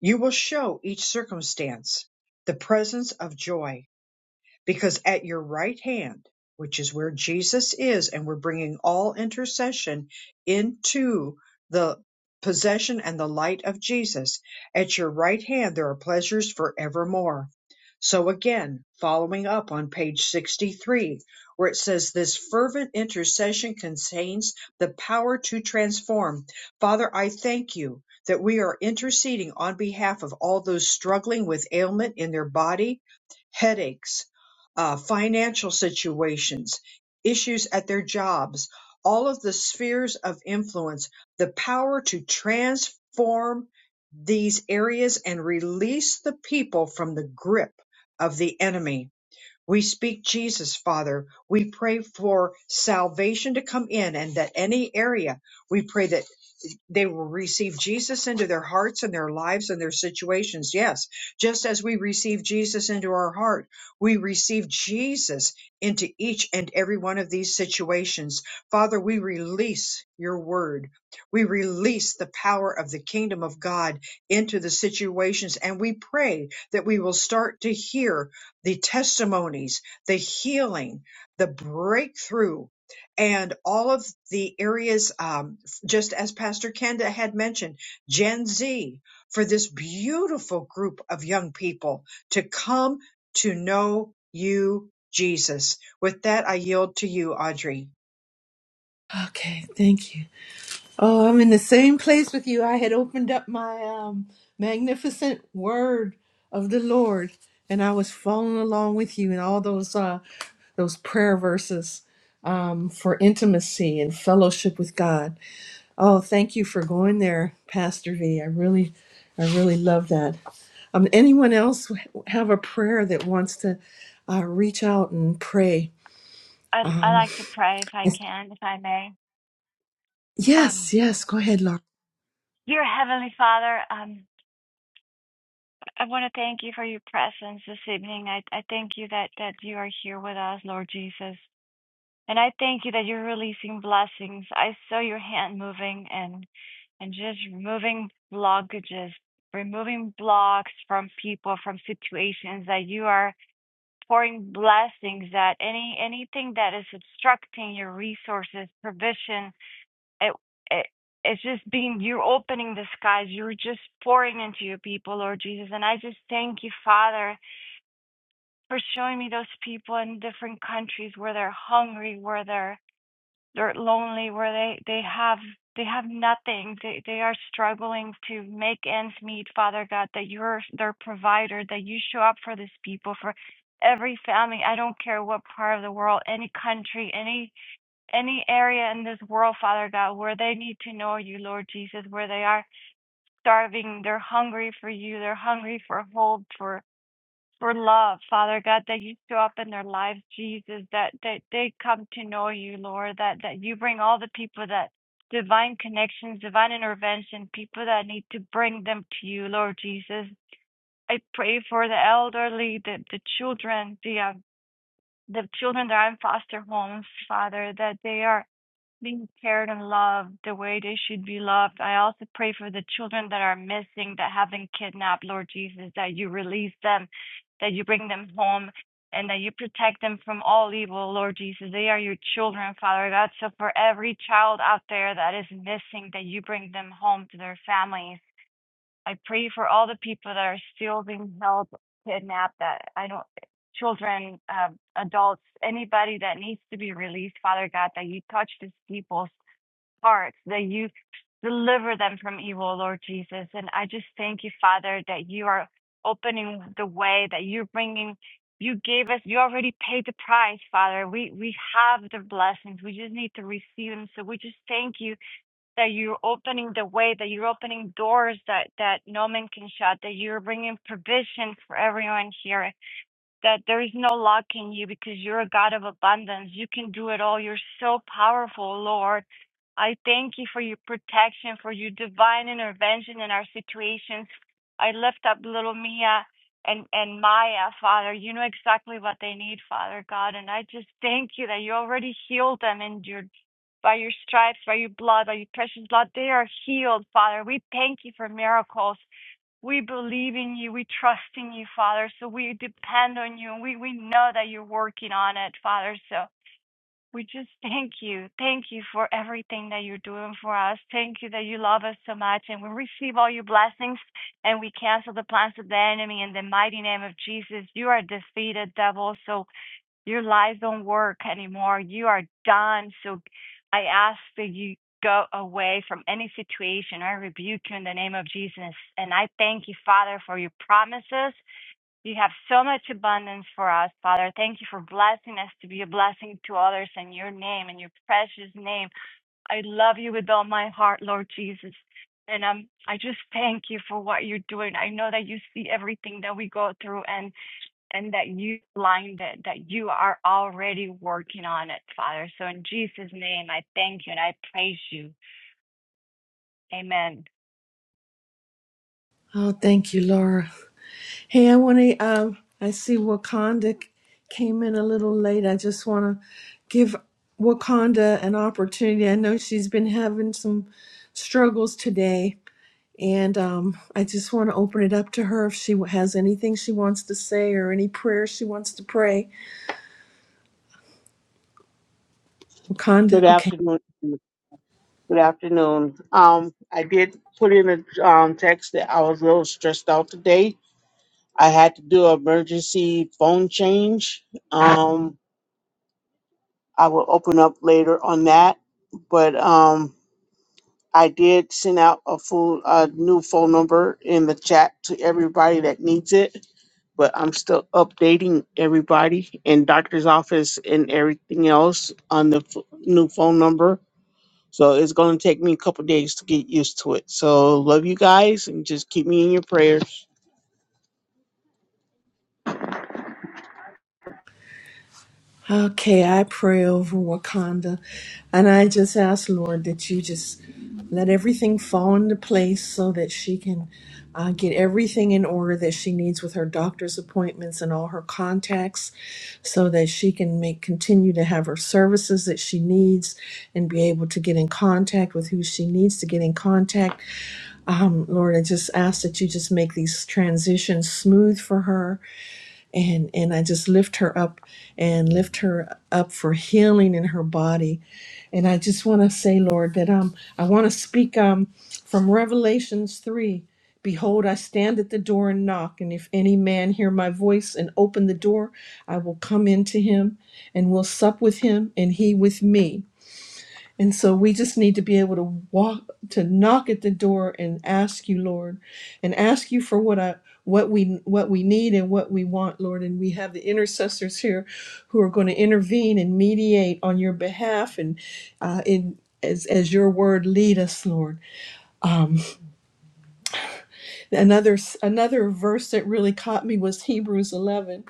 S4: You will show each circumstance the presence of joy because at your right hand, which is where Jesus is, and we're bringing all intercession into the possession and the light of Jesus, at your right hand there are pleasures forevermore. So again, following up on page 63, where it says this fervent intercession contains the power to transform. Father, I thank you that we are interceding on behalf of all those struggling with ailment in their body, headaches, uh, financial situations, issues at their jobs, all of the spheres of influence, the power to transform these areas and release the people from the grip of the enemy. We speak Jesus, Father. We pray for salvation to come in and that any area, we pray that they will receive Jesus into their hearts and their lives and their situations. Yes, just as we receive Jesus into our heart, we receive Jesus into each and every one of these situations. Father, we release your word. We release the power of the kingdom of God into the situations. And we pray that we will start to hear the testimonies, the healing, the breakthrough, and all of the areas. um, just as Pastor Kenda had mentioned, Gen Z, for this beautiful group of young people to come to know you, Jesus. With that, I yield to you, Audrey.
S1: Okay, thank you. Oh, I'm in the same place with you. I had opened up my um, magnificent word of the Lord, and I was following along with you in all those uh, those prayer verses um, for intimacy and fellowship with God. Oh, thank you for going there, Pastor V. I really, I really love that. Um, anyone else have a prayer that wants to uh, reach out and pray?
S3: I, I
S1: Um,
S3: like to pray if I can, if I may.
S1: yes,
S3: Um,
S1: yes. Go ahead, Laura.
S3: dear Heavenly Father, um, I want to thank you for your presence this evening. I, I thank you that, that you are here with us, Lord Jesus. And I thank you that you're releasing blessings. I saw your hand moving and and just removing blockages, removing blocks from people, from situations that you are pouring blessings that any anything that is obstructing your resources, provision, it, it it's just being you're opening the skies. You're just pouring into your people, Lord Jesus. And I just thank you, Father, for showing me those people in different countries where they're hungry, where they're they're lonely where they they have they have nothing they they are struggling to make ends meet father god that you're their provider that you show up for these people for every family i don't care what part of the world any country any any area in this world father god where they need to know you lord jesus where they are starving they're hungry for you they're hungry for hope for for love, Father God, that you show up in their lives, Jesus, that, that they come to know you, Lord, that, that you bring all the people that divine connections, divine intervention, people that need to bring them to you, Lord Jesus. I pray for the elderly, the, the children, the, um, the children that are in foster homes, Father, that they are being cared and loved the way they should be loved. I also pray for the children that are missing, that have been kidnapped, Lord Jesus, that you release them, that you bring them home, and that you protect them from all evil, Lord Jesus. They are your children, Father God. So for every child out there that is missing, that you bring them home to their families. I pray for all the people that are still being held, kidnapped, that I don't children, um, adults, anybody that needs to be released, Father God, that you touch these people hearts, that you deliver them from evil, Lord Jesus. And I just thank you, Father, that you are opening the way, that you're bringing, you gave us, you already paid the price, Father. We, we have the blessings. We just need to receive them. So we just thank you that you're opening the way, that you're opening doors that, that no man can shut, that you're bringing provision for everyone here that there is no lack in you because you're a God of abundance. You can do it all. You're so powerful, Lord. I thank you for your protection, for your divine intervention in our situations. I lift up little Mia and, and Maya, Father. You know exactly what they need, Father God. And I just thank you that you already healed them and your by your stripes, by your blood, by your precious blood, they are healed, Father. We thank you for miracles. We believe in you. We trust in you, Father. So we depend on you. And we, we know that you're working on it, Father. So we just thank you. Thank you for everything that you're doing for us. Thank you that you love us so much. And we receive all your blessings and we cancel the plans of the enemy in the mighty name of Jesus. You are defeated, devil. So your lives don't work anymore. You are done. So I ask that you go away from any situation. I rebuke you in the name of Jesus. And I thank you, Father, for your promises. You have so much abundance for us, Father. Thank you for blessing us to be a blessing to others in your name, in your precious name. I love you with all my heart, Lord Jesus. And um, I just thank you for what you're doing. I know that you see everything that we go through, and and that you aligned it, that you are already working on it, Father. So in Jesus' name, I thank you and I praise you. Amen.
S1: Oh, thank you, Laura. Hey, I want to. Um, I see Wakanda c- came in a little late. I just want to give Wakanda an opportunity. I know she's been having some struggles today, and um, I just want to open it up to her if she has anything she wants to say or any prayer she wants to pray.
S7: Good
S1: Wakanda, okay.
S7: afternoon. Good afternoon. Um, I did put in a um, text that I was a little stressed out today. I had to do an emergency phone change. Um, I will open up later on that, but um, I did send out a full uh, new phone number in the chat to everybody that needs it. But I'm still updating everybody in doctor's office and everything else on the f- new phone number So it's going to take me a couple days to get used to it. So love you guys and just keep me in your prayers.
S1: Okay, I pray over Wakanda. And I just ask, Lord, that you just let everything fall into place so that she can uh, get everything in order that she needs with her doctor's appointments and all her contacts so that she can make continue to have her services that she needs and be able to get in contact with who she needs to get in contact um, Lord, I just ask that you just make these transitions smooth for her and and I just lift her up and lift her up for healing in her body. And I just want to say, Lord, that um I want to speak um from Revelations 3. Behold, I stand at the door and knock, and if any man hear my voice and open the door, I will come into him and will sup with him and he with me. And so we just need to be able to walk to knock at the door and ask you, Lord, and ask you for what I what we what we need and what we want, Lord. And we have the intercessors here who are going to intervene and mediate on your behalf and uh, in as as your word lead us, Lord. Another s- another verse that really caught me was Hebrews 11.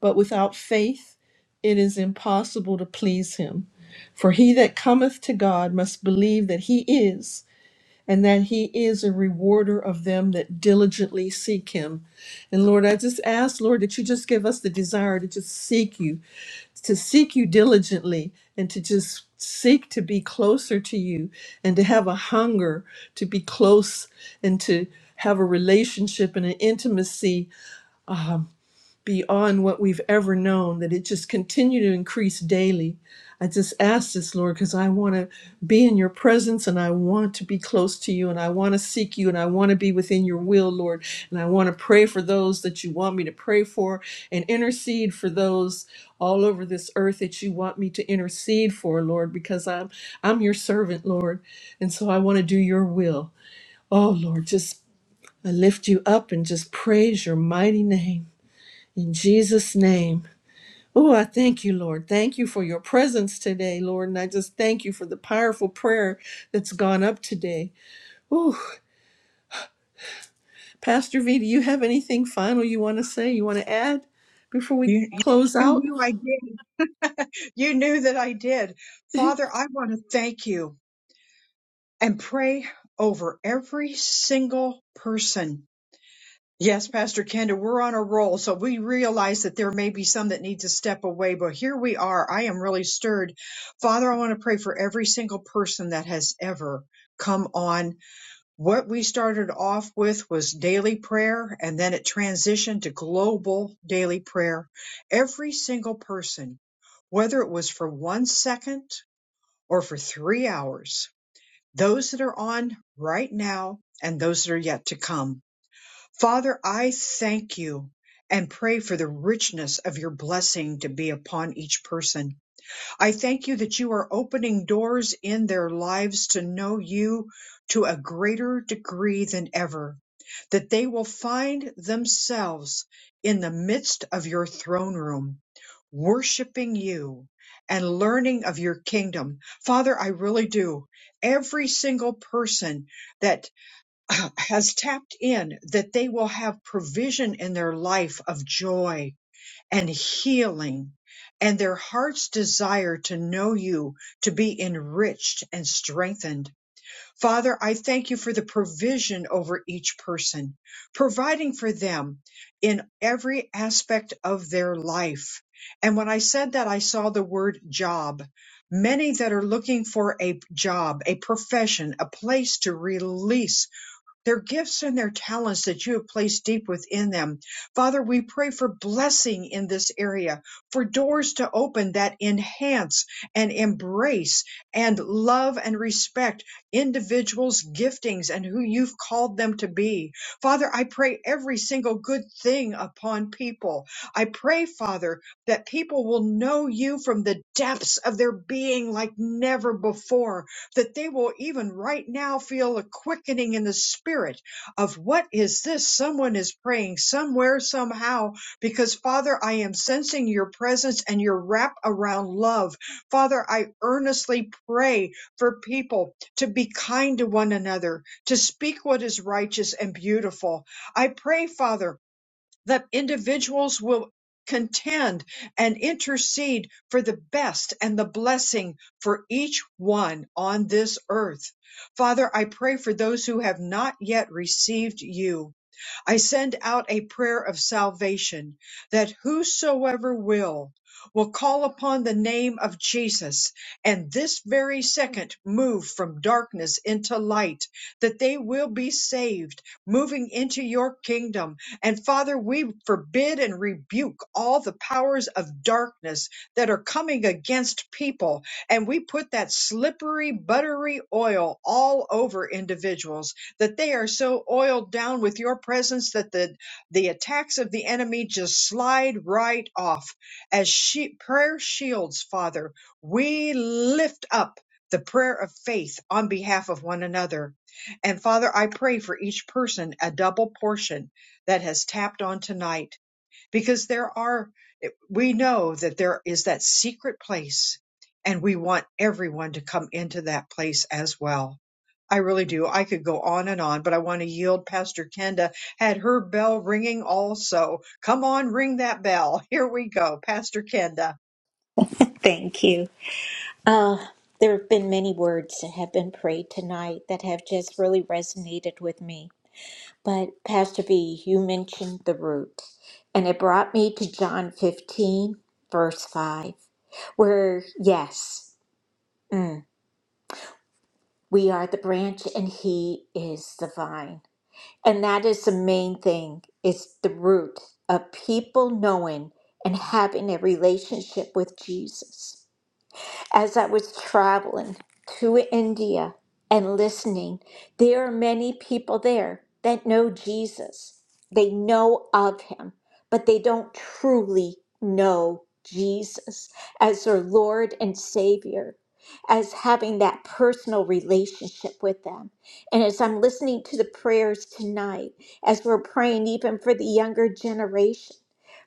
S1: But without faith, it is impossible to please Him, for he that cometh to God must believe that He is and that he is a rewarder of them that diligently seek him. And Lord, I just ask, Lord, that you just give us the desire to just seek you, to seek you diligently, and to just seek to be closer to you, and to have a hunger to be close and to have a relationship and an intimacy beyond what we've ever known, that it just continue to increase daily. I just ask this, Lord, because I want to be in your presence and I want to be close to you and I want to seek you and I want to be within your will, Lord. And I want to pray for those that you want me to pray for and intercede for those all over this earth that you want me to intercede for, Lord, because I'm I'm your servant, Lord. And so I want to do your will. Oh Lord, just I lift you up and just praise your mighty name. In Jesus' name. Oh, I thank you, Lord. Thank you for your presence today, Lord. And I just thank you for the powerful prayer that's gone up today. Oh, Pastor V, do you have anything final you want to say, you want to add before we
S4: You, you
S1: close
S4: you
S1: out?
S4: knew I did. You knew that I did. Father, I want to thank you and pray over every single person Yes, Pastor Kenda, we're on a roll. So we realize that there may be some that need to step away, but here we are. I am really stirred. Father, I want to pray for every single person that has ever come on. What we started off with was daily prayer, and then it transitioned to global daily prayer. Every single person, whether it was for one second or for three hours, those that are on right now and those that are yet to come. Father, I thank you and pray for the richness of your blessing to be upon each person. I thank you that you are opening doors in their lives to know you to a greater degree than ever, that they will find themselves in the midst of your throne room, worshiping you and learning of your kingdom. Father, I really do. Every single person that. has tapped in that they will have provision in their life of joy and healing and their heart's desire to know you, to be enriched and strengthened. Father, I thank you for the provision over each person, providing for them in every aspect of their life. And when I said that, I saw the word job. Many that are looking for a job, a profession, a place to release their gifts and their talents that you have placed deep within them. Father, we pray for blessing in this area, for doors to open that enhance and embrace and love and respect individuals' giftings and who you've called them to be. Father, I pray every single good thing upon people. I pray, Father, that people will know you from the depths of their being like never before that they will even right now feel a quickening in the spirit of what is this? Someone is praying somewhere, somehow, because Father, I am sensing your presence and your wrap around love. Father, I earnestly pray for people to be kind to one another, to speak what is righteous and beautiful. I pray, Father that individuals will contend and intercede for the best and the blessing for each one on this earth. Father, I pray for those who have not yet received you. I send out a prayer of salvation that whosoever will, will call upon the name of Jesus and this very second move from darkness into light, that they will be saved, moving into your kingdom. And Father, we forbid and rebuke all the powers of darkness that are coming against people. And we put that slippery, buttery oil all over individuals that they are so oiled down with your presence that the the attacks of the enemy just slide right off as she, prayer shields father we lift up the prayer of faith on behalf of one another and father i pray for each person a double portion that has tapped on tonight because there are we know that there is that secret place and we want everyone to come into that place as well. I really do. I could go on and on, but I want to yield. Pastor Kenda had her bell ringing also. Come on, ring that bell. Here we go. Pastor Kenda.
S2: Thank you. Uh, there have been many words that have been prayed tonight that have just really resonated with me. But Pastor B, you mentioned the root, and it brought me to John 15, verse 5, where, yes. we are the branch and he is the vine and that is the main thing is the root of people knowing and having a relationship with jesus as I was traveling to India and listening, there are many people there that know Jesus. They know of him, but they don't truly know Jesus as their Lord and Savior, as having that personal relationship with them. And as I'm listening to the prayers tonight, as we're praying even for the younger generation,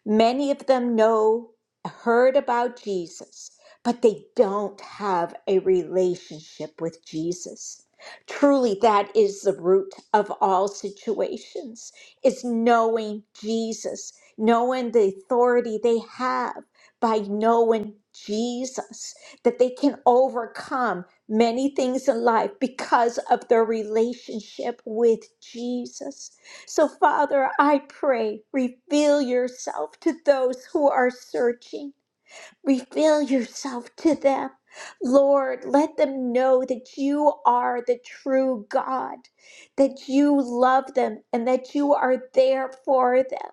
S2: many of them know, heard about Jesus but they don't have a relationship with Jesus. Truly, that is the root of all situations, is knowing Jesus, knowing the authority they have by knowing Jesus, that they can overcome many things in life because of their relationship with Jesus. So, Father, I pray, reveal yourself to those who are searching. Reveal yourself to them. Lord, let them know that you are the true God, that you love them and that you are there for them.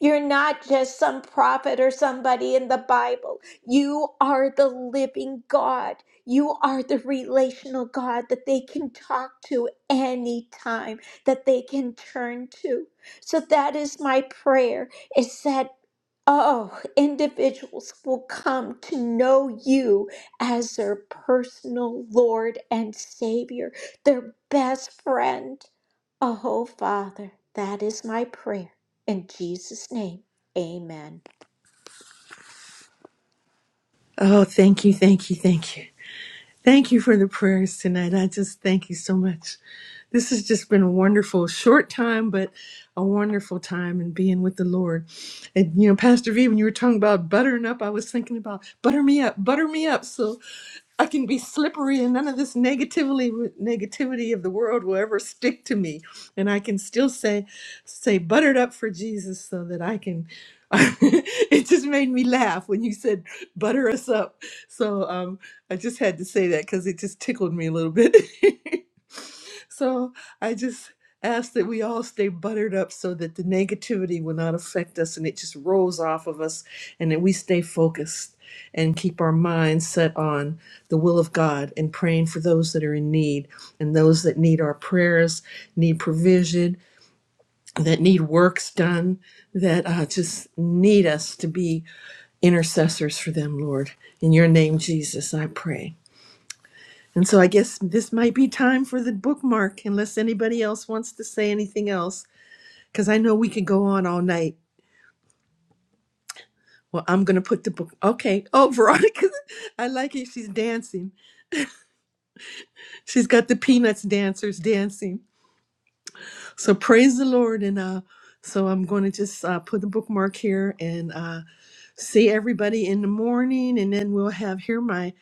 S2: You're not just some prophet or somebody in the Bible. You are the living God. You are the relational God that they can talk to anytime, that they can turn to. So that is my prayer is that, oh, individuals will come to know you as their personal Lord and Savior, their best friend. Oh, Father, that is my prayer. In Jesus' name, amen.
S1: oh, thank you, thank you, thank you. Thank you for the prayers tonight. I just thank you so much. This has just been a wonderful short time, but a wonderful time in being with the Lord. And you know, Pastor V, when you were talking about buttering up, I was thinking about butter me up, butter me up. So I can be slippery and none of this negativity negativity of the world will ever stick to me. And I can still say say buttered up for Jesus so that I can it just made me laugh when you said butter us up. So um I just had to say that cuz it just tickled me a little bit. so I just ask that we all stay buttered up so that the negativity will not affect us and it just rolls off of us and that we stay focused and keep our minds set on the will of God and praying for those that are in need and those that need our prayers, need provision, that need works done, that uh, just need us to be intercessors for them, Lord. In your name, Jesus, I pray. And so I guess this might be time for the bookmark, unless anybody else wants to say anything else, because I know we could go on all night. Well, I'm going to put the book. Okay. Oh, Veronica, I like it. She's dancing. She's got the Peanuts dancers dancing. So praise the Lord, and uh, so I'm going to just uh, put the bookmark here and uh, see everybody in the morning, and then we'll have hear my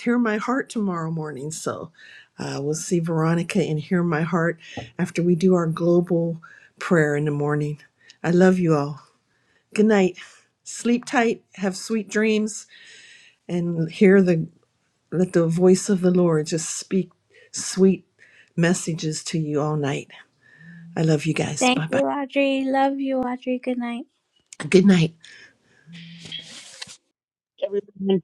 S1: hear my heart tomorrow morning. So uh, we'll see Veronica and hear my heart after we do our global prayer in the morning. I love you all. Good night. Sleep tight. Have sweet dreams, and hear the let the voice of the Lord just speak sweet messages to you all night. I love you guys.
S6: Thank
S1: Bye
S6: you,
S1: bye.
S6: Audrey. Love you, Audrey. Good night.
S1: Good night.
S7: Everyone